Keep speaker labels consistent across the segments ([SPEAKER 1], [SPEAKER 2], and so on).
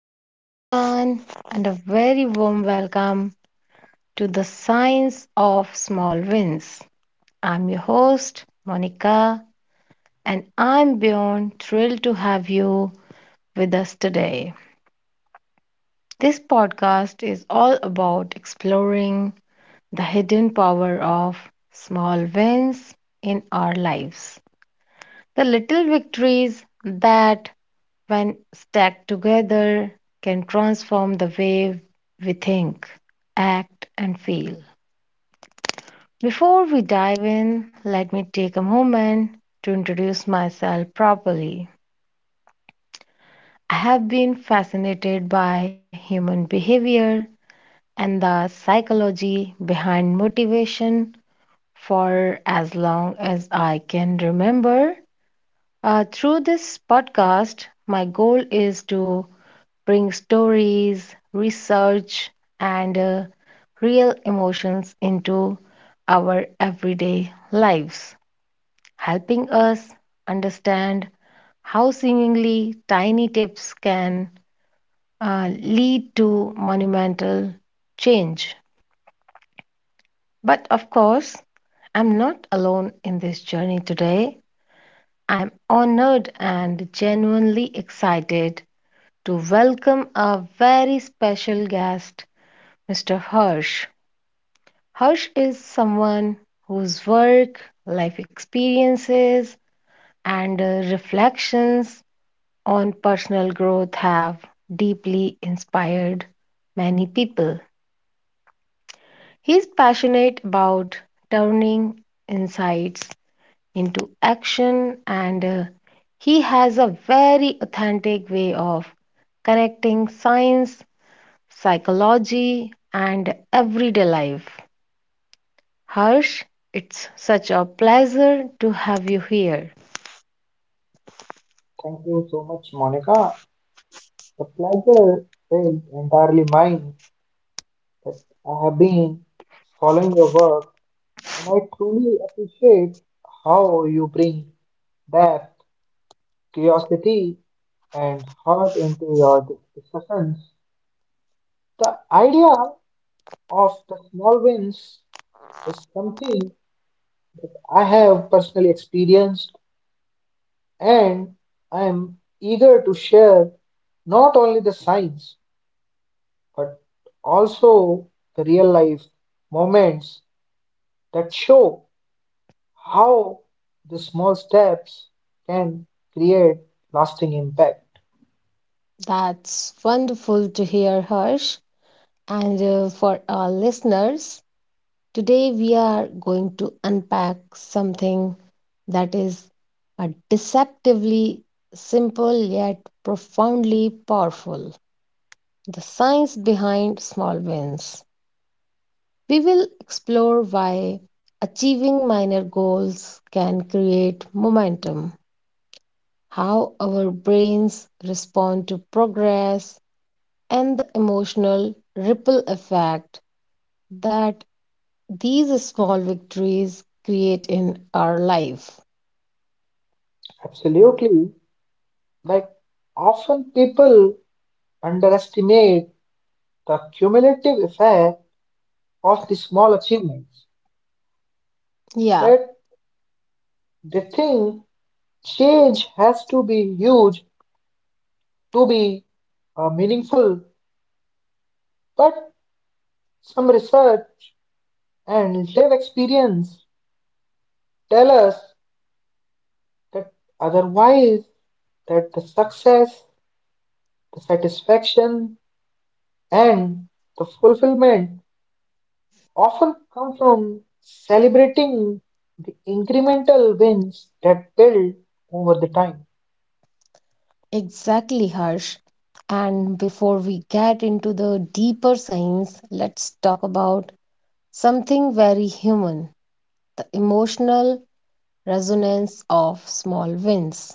[SPEAKER 1] Hello, everyone, and a very warm welcome to the Science of Small Wins. I'm your host, Monica, and I'm beyond thrilled to have you with us today. This podcast is all about exploring the hidden power of small wins in our lives, the little victories that when stacked together, can transform the way we think, act, and feel. Before we dive in, let me take a moment to introduce myself properly. I have been fascinated by human behavior and the psychology behind motivation for as long as I can remember. Through this podcast, my goal is to bring stories, research, and real emotions into our everyday lives, helping us understand how seemingly tiny tips can lead to monumental change. But of course, I'm not alone in this journey today. I'm honored and genuinely excited to welcome a very special guest, Mr. Hirsch. Harsh is someone whose work, life experiences, and reflections on personal growth have deeply inspired many people. He's passionate about turning insights into action, and he has a very authentic way of connecting science, psychology, and everyday life. Harsh, it's such a pleasure to have you here.
[SPEAKER 2] Thank you so much, Monica. The pleasure is entirely mine that I have been following your work, and I truly appreciate how you bring depth, curiosity, and heart into your discussions. The idea of the small wins is something I have personally experienced, and I am eager to share not only the science but also the real life moments that show how the small steps can create lasting impact.
[SPEAKER 1] That's wonderful to hear, Harsh. And for our listeners, today we are going to unpack something that is a deceptively simple yet profoundly powerful, the science behind small wins. We will explore why achieving minor goals can create momentum, how our brains respond to progress, and the emotional ripple effect that these small victories create in our life.
[SPEAKER 2] Absolutely. Like often people underestimate the cumulative effect of the small achievements
[SPEAKER 1] Yeah,
[SPEAKER 2] that they think change has to be huge to be meaningful, but some research and live experience tell us that otherwise, that the success, the satisfaction, and the fulfillment often come from celebrating the incremental wins that build over the time.
[SPEAKER 1] exactly, Harsh. And before we get into the deeper science, let's talk about something very human, the emotional resonance of small wins.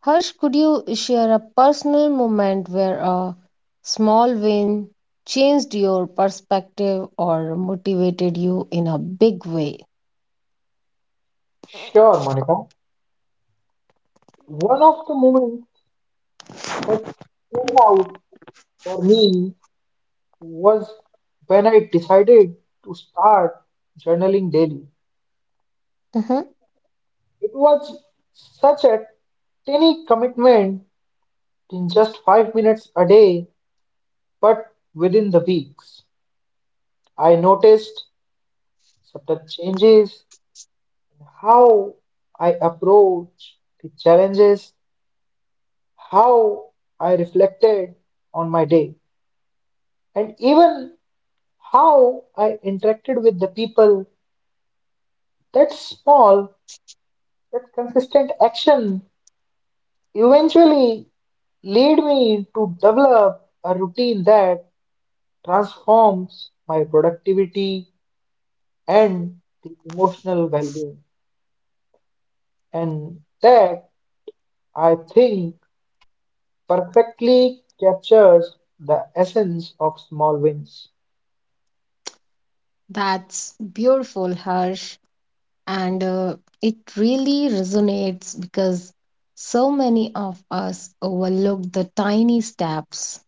[SPEAKER 1] Harsh, could you share a personal moment where a small win changed your perspective or motivated you in a big way?
[SPEAKER 2] Sure, Monica. One of the moments that stood out for me was when I decided to start journaling daily.
[SPEAKER 1] Mhm.
[SPEAKER 2] It was such a tiny commitment, in just 5 minutes a day. But within the weeks, I noticed subtle changes in how I approach the challenges, how I reflected on my day, and even how I interacted with the people. That small, that consistent action eventually lead me to develop a routine that transforms my productivity and the emotional well-being. And that, I think, perfectly captures the essence of small wins.
[SPEAKER 1] That's beautiful, Harsh. And it really resonates because so many of us overlook the tiny steps.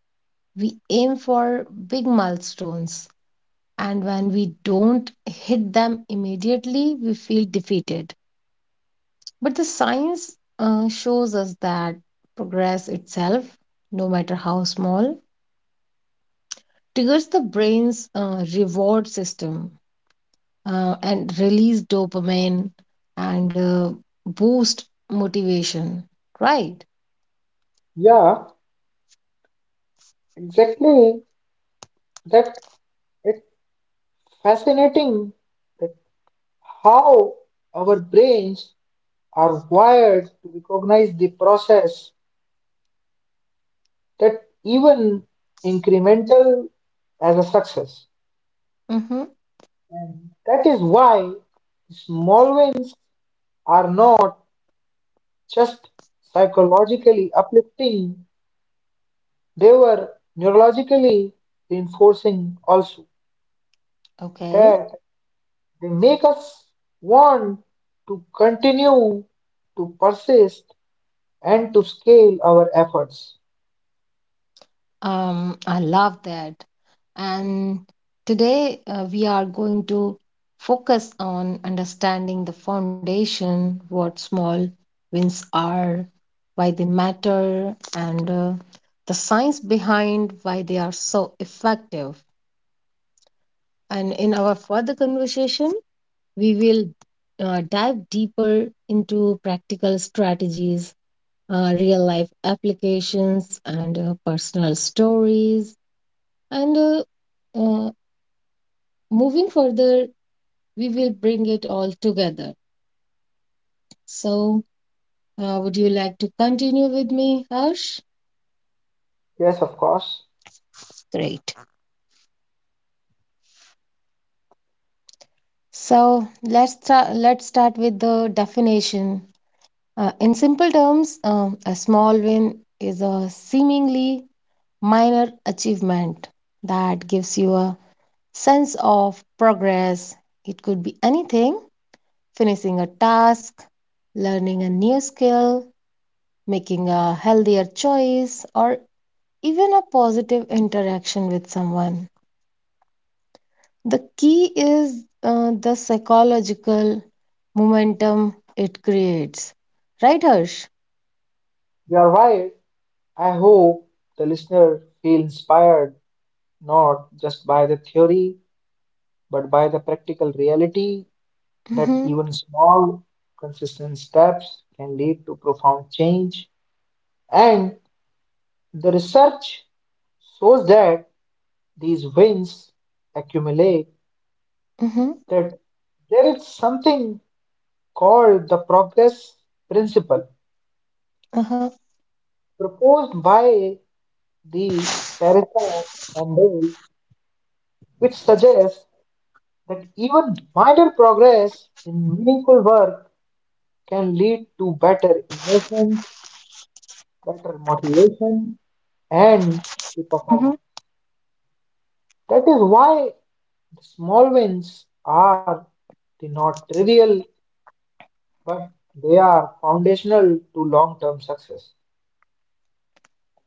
[SPEAKER 1] We aim for big milestones, and when we don't hit them immediately, we feel defeated. But the science shows us that progress itself, no matter how small, triggers the brain's reward system and release dopamine and boost motivation. Right?
[SPEAKER 2] Yeah, exactly. That it's fascinating that how our brains are wired to recognize the process, that even incremental as a success.
[SPEAKER 1] Mm-hmm.
[SPEAKER 2] And that is why small wins are not just psychologically uplifting. They were neurologically reinforcing also,
[SPEAKER 1] Okay.
[SPEAKER 2] that they make us want to continue, to persist, and to scale our efforts.
[SPEAKER 1] I love that. And today we are going to focus on understanding the foundation, what small wins are, why they matter, and the science behind why they are so effective. And in our further conversation, we will dive deeper into practical strategies, real life applications, and personal stories and uh, moving further, we will bring it all together. So, would you like to continue with me, Harsh?
[SPEAKER 2] Yes, of course,
[SPEAKER 1] Great. So let's start. Let's start with the definition. In simple terms, a small win is a seemingly minor achievement that gives you a sense of progress. It could be anything: finishing a task, learning a new skill, making a healthier choice, or even a positive interaction with someone. The key is the psychological momentum it creates. Right, Harsh?
[SPEAKER 2] you are right. I hope the listener feel inspired not just by the theory, but by the practical reality that
[SPEAKER 1] Mm-hmm,
[SPEAKER 2] even small, consistent steps can lead to profound change. And the research shows that these wins accumulate,
[SPEAKER 1] mm-hmm,
[SPEAKER 2] that there is something called the progress principle
[SPEAKER 1] uh-huh,
[SPEAKER 2] proposed by the Teresa and Dale, which suggests that even minor progress in meaningful work can lead to better emotion, better motivation, and
[SPEAKER 1] mm-hmm.
[SPEAKER 2] the performance. That is why the small wins are the not trivial, but they are foundational to long-term success.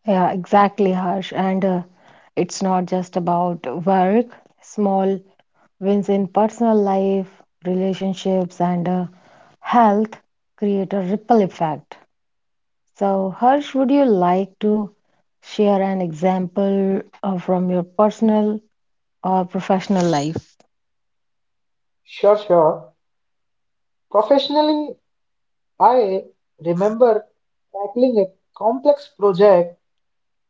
[SPEAKER 1] Yeah, exactly, Harsh. And it's not just about work, small wins in personal life, relationships, and health create a ripple effect. So, Harsh, would you like to share an example from your personal or professional life?
[SPEAKER 2] Sure, sure. Professionally, I remember tackling a complex project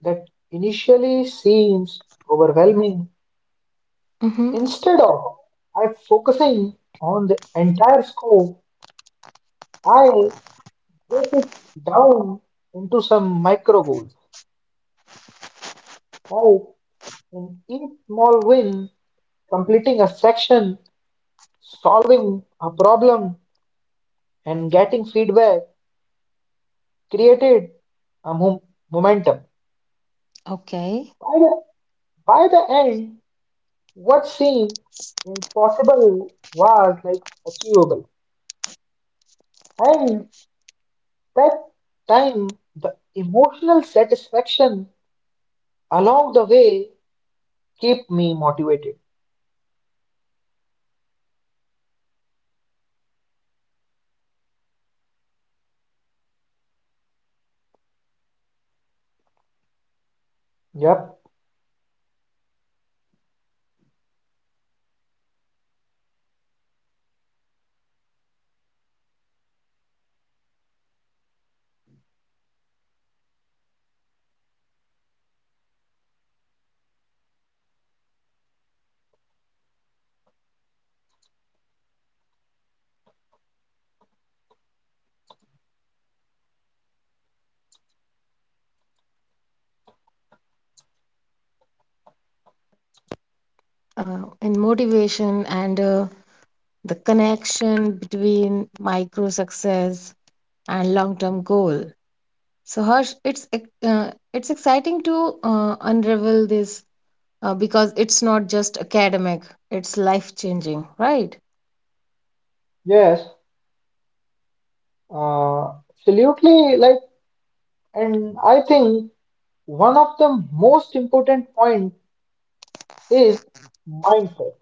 [SPEAKER 2] that initially seems overwhelming.
[SPEAKER 1] Mm-hmm.
[SPEAKER 2] Instead of I focusing on the entire scope, I break it down into some micro goals. Like in each small win, completing a section, solving a problem, and getting feedback created a momentum.
[SPEAKER 1] Okay.
[SPEAKER 2] By the, by the end, what seemed impossible was like achievable. And that time, the emotional satisfaction along the way keep me motivated. Yep.
[SPEAKER 1] In motivation and the connection between micro success and long-term goal. So Harsh, it's exciting to unravel this because it's not just academic; it's life-changing, right?
[SPEAKER 2] Yes. Absolutely. Like, and I think one of the most important point is mindset.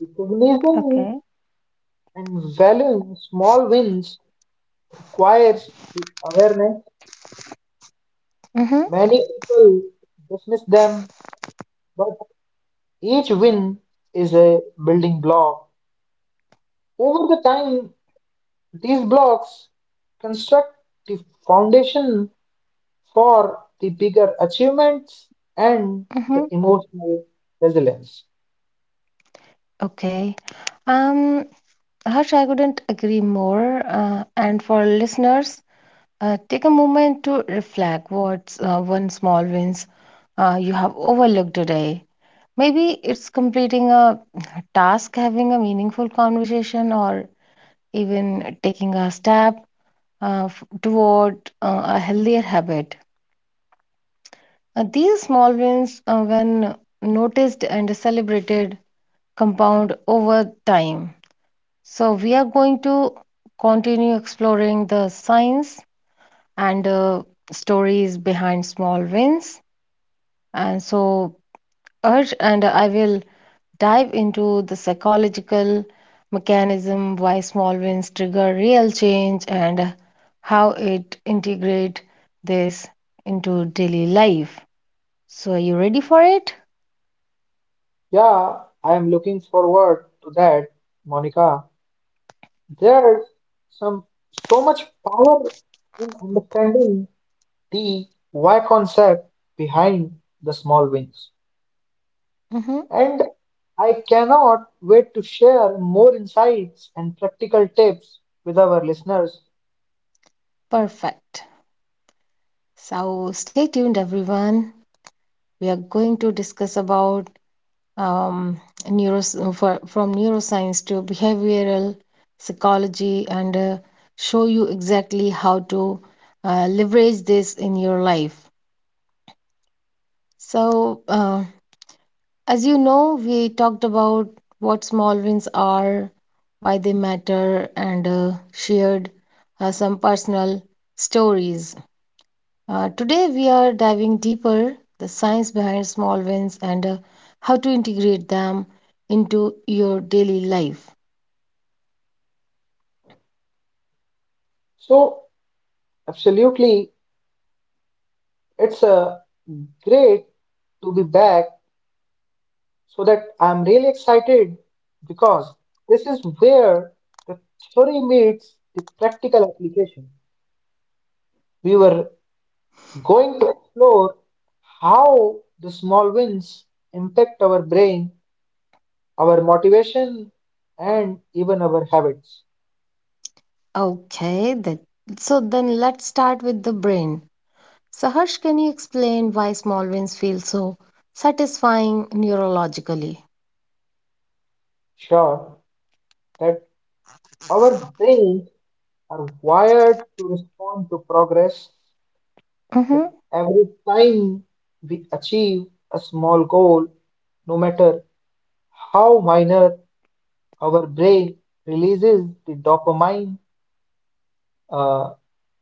[SPEAKER 2] Recognizing
[SPEAKER 1] Okay.
[SPEAKER 2] and valuing small wins requires awareness.
[SPEAKER 1] Mm-hmm.
[SPEAKER 2] Many people dismiss them, but each win is a building block. Over the time, these blocks construct the foundation for the bigger achievements and
[SPEAKER 1] Mm-hmm.
[SPEAKER 2] the emotional resilience.
[SPEAKER 1] Okay. Um. Harsh, I couldn't agree more. And for listeners, take a moment to reflect what's one small wins you have overlooked today. Maybe it's completing a task, having a meaningful conversation, or even taking a step toward a healthier habit. These small wins, when noticed and celebrated, compound over time. So, we are going to continue exploring the science and stories behind small wins. And so, Urge and I will dive into the psychological mechanism why small wins trigger real change and how it integrate this into daily life. So, are you ready for it?
[SPEAKER 2] Yeah, I am looking forward to that, Monica. There's some so much power in understanding the why concept behind the small wins.
[SPEAKER 1] Mm-hmm.
[SPEAKER 2] And I cannot wait to share more insights and practical tips with our listeners.
[SPEAKER 1] Perfect. So, stay tuned, everyone. We are going to discuss about um, from neuroscience to behavioral psychology and show you exactly how to leverage this in your life. So, as you know, we talked about what small wins are, why they matter, and shared some personal stories. Today we are diving deeper the science behind small wins and how to integrate them into your daily life.
[SPEAKER 2] So, absolutely, it's a great to be back so that I'm really excited because this is where the theory meets the practical application. We were going to explore how the small wins impact our brain, our motivation, and even our habits.
[SPEAKER 1] Okay, that, so then let's start with the brain. So Harsh, can you explain why small wins feel so satisfying neurologically?
[SPEAKER 2] Sure, that our brains are wired to respond to progress, that
[SPEAKER 1] Mm-hmm.
[SPEAKER 2] every time we achieve a small goal, no matter how minor, our brain releases the dopamine, uh,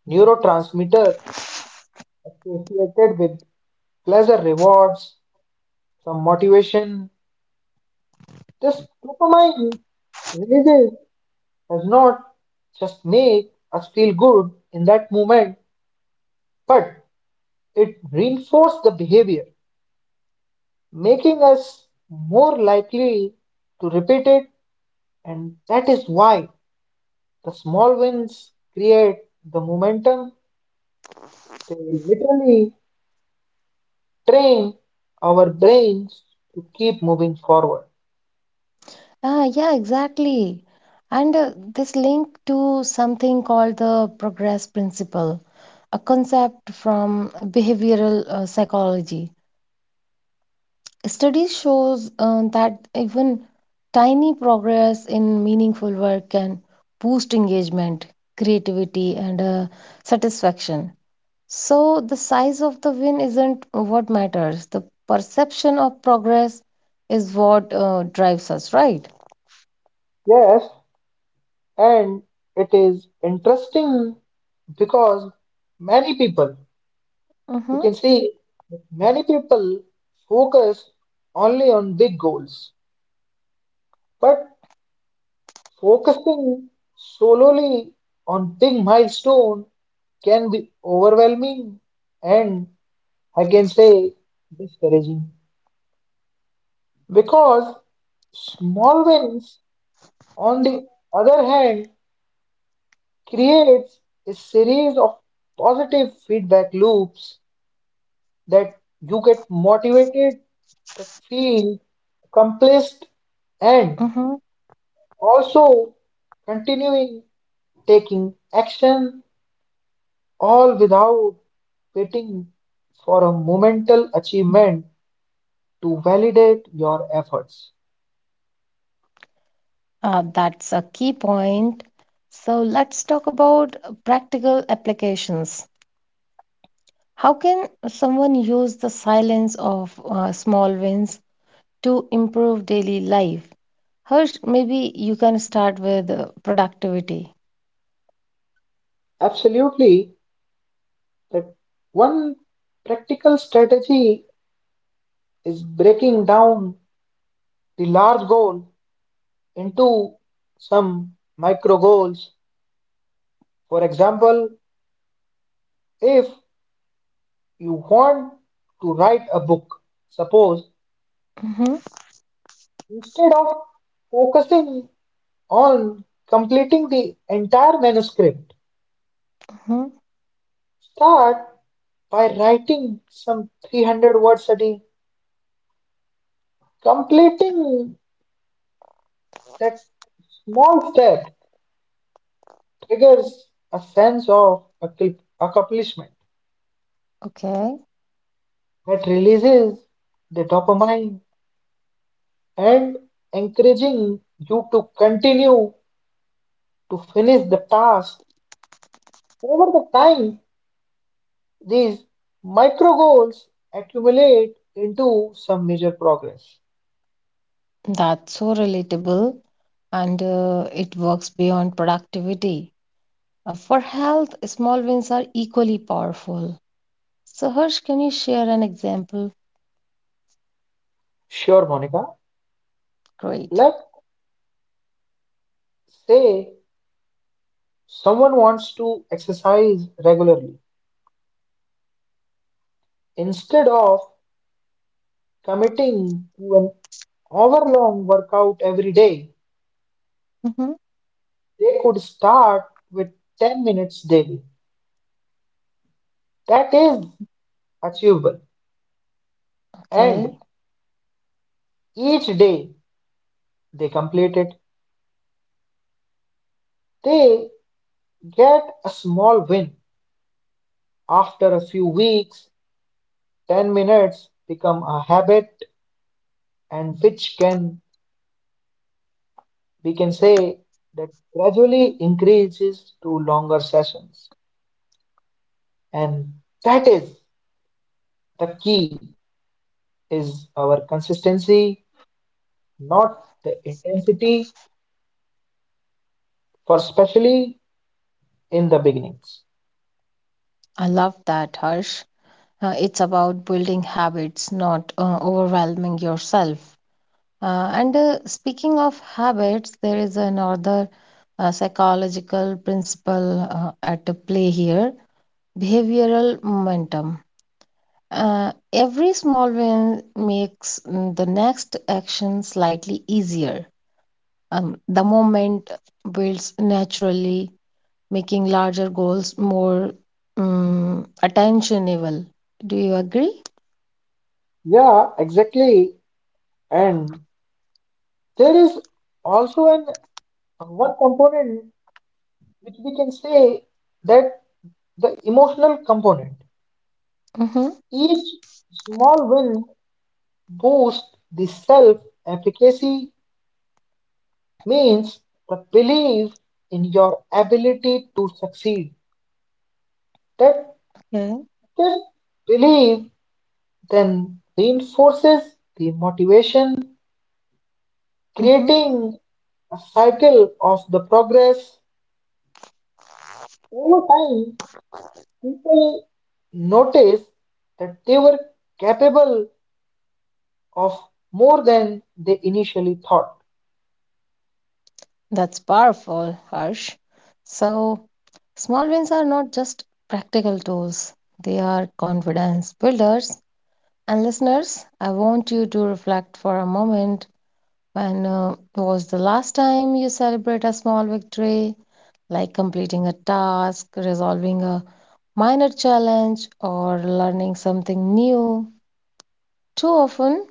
[SPEAKER 2] neurotransmitter associated with pleasure rewards, some motivation. This dopamine releases does not just make us feel good in that moment, but it reinforces the behavior, making us more likely to repeat it. And that is why the small wins create the momentum. They literally train our brains to keep moving forward.
[SPEAKER 1] Ah, yeah, exactly. And this link to something called the progress principle, a concept from behavioral psychology. Studies shows that even tiny progress in meaningful work can boost engagement, creativity, and satisfaction. So the size of the win isn't what matters. The perception of progress is what drives us, right?
[SPEAKER 2] Yes, and it is interesting because many people, you
[SPEAKER 1] Mm-hmm,
[SPEAKER 2] can see that many people focus only on big goals, but focusing solely on big milestone can be overwhelming and, I can say, discouraging because small wins on the other hand creates a series of positive feedback loops, that you get motivated, that feel accomplished, and
[SPEAKER 1] mm-hmm.
[SPEAKER 2] also continuing taking action, all without waiting for a momental achievement to validate your efforts.
[SPEAKER 1] That's a key point. So let's talk about practical applications. How can someone use the silence of small wins to improve daily life. Harsh, maybe you can start with productivity.
[SPEAKER 2] Absolutely, that one practical strategy is breaking down the large goal into some micro goals. For example, if you want to write a book, suppose,
[SPEAKER 1] Mm-hmm,
[SPEAKER 2] instead of focusing on completing the entire manuscript,
[SPEAKER 1] mm-hmm.
[SPEAKER 2] start by writing some 300 words a day. Completing that small step triggers a sense of accomplishment,
[SPEAKER 1] Okay.
[SPEAKER 2] that releases the dopamine and encouraging you to continue to finish the task. Over the time, these micro goals accumulate into some major progress.
[SPEAKER 1] That's so relatable and it works beyond productivity. For health, small wins are equally powerful. So, Harsh, can you share an example?
[SPEAKER 2] Sure, Monica.
[SPEAKER 1] Great.
[SPEAKER 2] Let's say someone wants to exercise regularly. Instead of committing to an hour long workout every day,
[SPEAKER 1] Mm-hmm,
[SPEAKER 2] they could start with 10 minutes daily. That is achievable.
[SPEAKER 1] okay.
[SPEAKER 2] And each day they complete it, they get a small win. After a few weeks, 10 minutes become a habit and, which can, we can say that, gradually increases to longer sessions. And that is the key, is our consistency, not the intensity, for especially in the beginnings.
[SPEAKER 1] I love that, Harsh. It's about building habits, not overwhelming yourself. And speaking of habits, there is another psychological principle at play here, behavioral momentum. Every small win makes the next action slightly easier. The moment builds naturally, making larger goals more attentionable. Do you agree?
[SPEAKER 2] Yeah, exactly. And there is also an one component which we can say, that the emotional component,
[SPEAKER 1] Mm-hmm.
[SPEAKER 2] each small win boost the self-efficacy, means the belief in your ability to succeed. That
[SPEAKER 1] Okay.
[SPEAKER 2] this belief then reinforces the motivation,
[SPEAKER 1] Mm-hmm.
[SPEAKER 2] creating a cycle of the progress. Over time, people notice that they were capable of more than they initially thought.
[SPEAKER 1] That's powerful, Harsh. So, small wins are not just practical tools, they are confidence builders. And listeners, I want you to reflect for a moment, when was the last time you celebrate a small victory, like completing a task, resolving a minor challenge, or learning something new? Too often,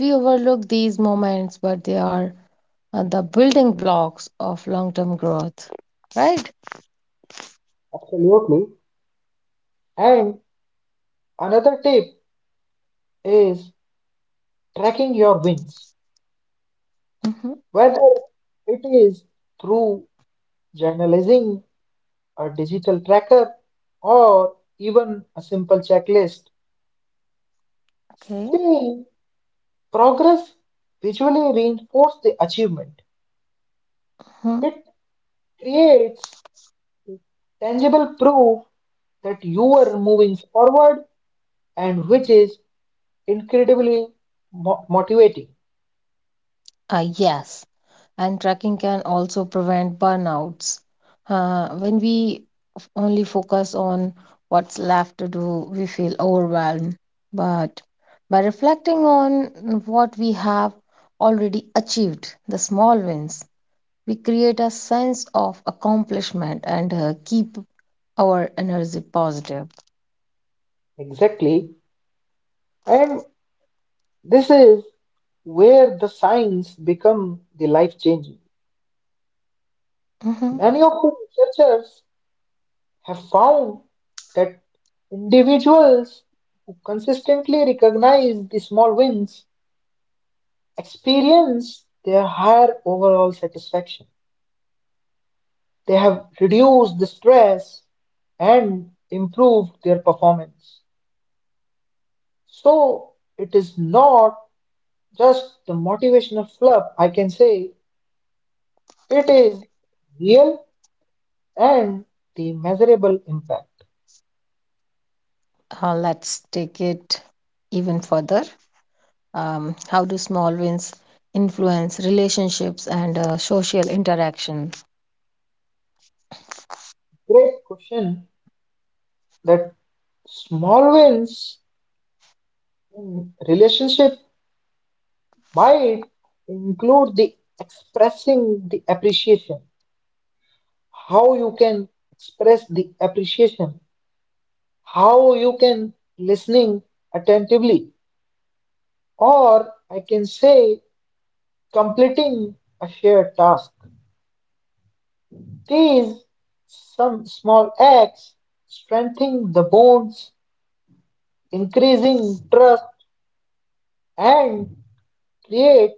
[SPEAKER 1] we overlook these moments, but they are the building blocks of long term growth, right?
[SPEAKER 2] Absolutely. And another tip is tracking your wins.
[SPEAKER 1] Hmm.
[SPEAKER 2] Whether it is through journalizing, a digital tracker, or even a simple checklist,
[SPEAKER 1] Okay.
[SPEAKER 2] seeing progress visually reinforces the achievement.
[SPEAKER 1] Hmm.
[SPEAKER 2] It creates tangible proof that you are moving forward, and which is incredibly motivating.
[SPEAKER 1] Yes. And tracking can also prevent burnouts. When we only focus on what's left to do, we feel overwhelmed. But by reflecting on what we have already achieved, the small wins, we create a sense of accomplishment and keep our energy positive.
[SPEAKER 2] Exactly, and this is where the signs become the life changing.
[SPEAKER 1] Mhm.
[SPEAKER 2] Many of the researchers have found that individuals who consistently recognize the small wins experience their higher overall satisfaction. They have reduced the stress and improved their performance. So it is not just the motivational fluff, I can say it is real and the measurable impact.
[SPEAKER 1] Let's take it even further. How do small wins influence relationships and social interaction?
[SPEAKER 2] Great question, that small wins in relationship might include the expressing the appreciation, how you can express the appreciation, how you can listening attentively, or I can say completing a shared task. These some small acts strengthening the bonds, increasing trust, and create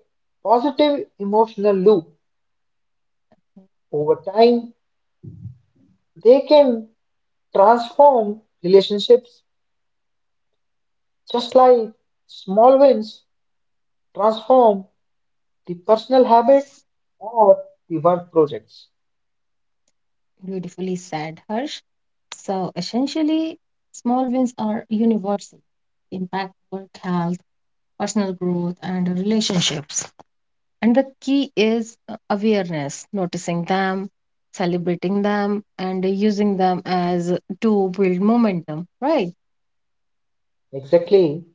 [SPEAKER 2] positive emotional loop. Over time, they can transform relationships just like small wins transform the personal habit or the work projects.
[SPEAKER 1] Beautifully said, Harsh. So essentially, small wins are universal. They impact work health, personal growth, and relationships. And the key is awareness, noticing them, celebrating them, and using them as to build momentum, right?
[SPEAKER 2] Exactly.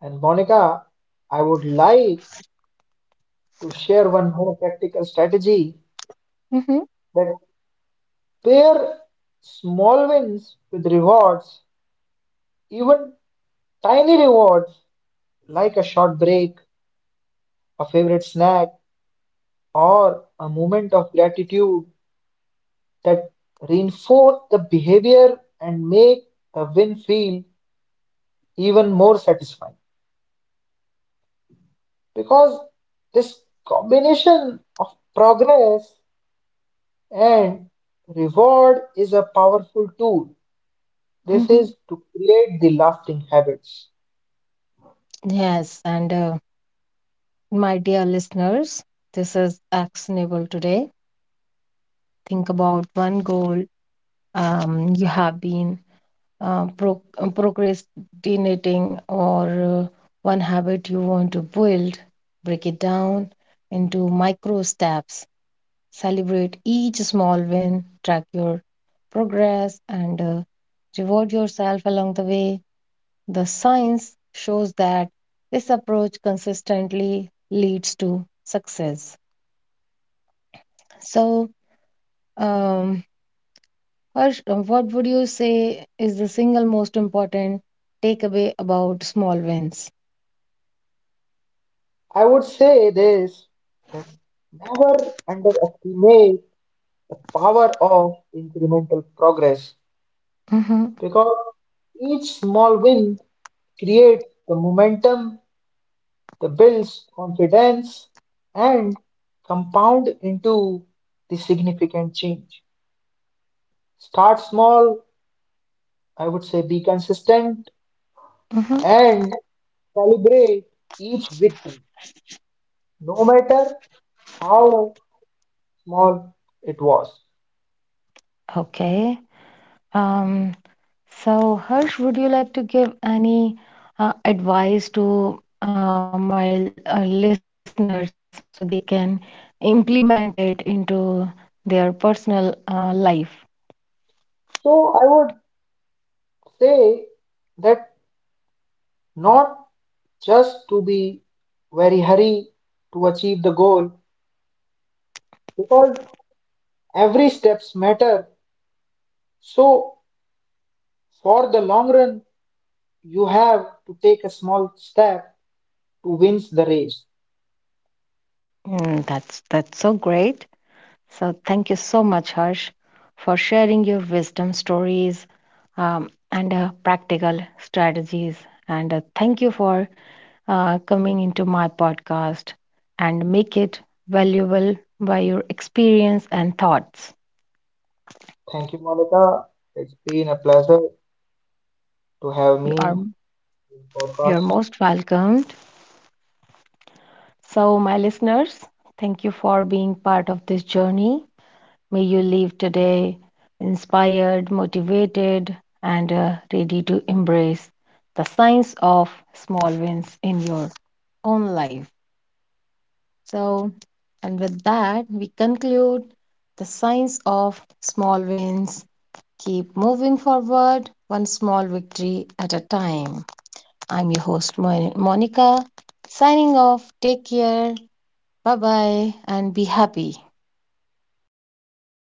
[SPEAKER 2] And Monica, I would like to share one more practical strategy,
[SPEAKER 1] Mm-hmm,
[SPEAKER 2] that pair small wins with rewards, even tiny rewards like a short break, a favorite snack, or a moment of gratitude, that reinforce the behavior and make the win feel even more satisfying, because this combination of progress and reward is a powerful tool, this
[SPEAKER 1] mm-hmm.
[SPEAKER 2] is to create the lasting habits.
[SPEAKER 1] Yes, and my dear listeners, this is actionable today. Think about one goal you have been procrastinating or one habit you want to build. Break it down into micro steps. Celebrate each small win, track your progress, and reward yourself along the way. The science shows that this approach consistently leads to success. So, Um, Harsh, what would you say is the single most important takeaway about small wins?
[SPEAKER 2] I would say this, that never underestimate the power of incremental progress,
[SPEAKER 1] Mm-hmm,
[SPEAKER 2] because each small win creates the momentum. They build confidence and compound into the significant change. Start small, I would say be consistent
[SPEAKER 1] mm-hmm.
[SPEAKER 2] and celebrate each victory, no matter how small it was.
[SPEAKER 1] Okay. Um, so, Harsh, would you like to give any advice to my listeners so they can implement it into their personal life?
[SPEAKER 2] So I would say that not just to be very hurry to achieve the goal, because every steps matter, so for the long run you have to take a small step to win the race.
[SPEAKER 1] Mm, that's so great. So, thank you so much, Harsh, for sharing your wisdom stories and practical strategies. And thank you for coming into my podcast and make it valuable by your experience and thoughts.
[SPEAKER 2] Thank you, Monica. It's been a pleasure to have
[SPEAKER 1] You are
[SPEAKER 2] me in the
[SPEAKER 1] you're
[SPEAKER 2] podcast.
[SPEAKER 1] most welcomed. So, my listeners, thank you for being part of this journey. May you leave today inspired, motivated, and ready to embrace the science of small wins in your own life. So, and with that, we conclude the science of small wins. Keep moving forward, one small victory at a time. I'm your host, Monica, signing off. Take care. Bye bye and be happy.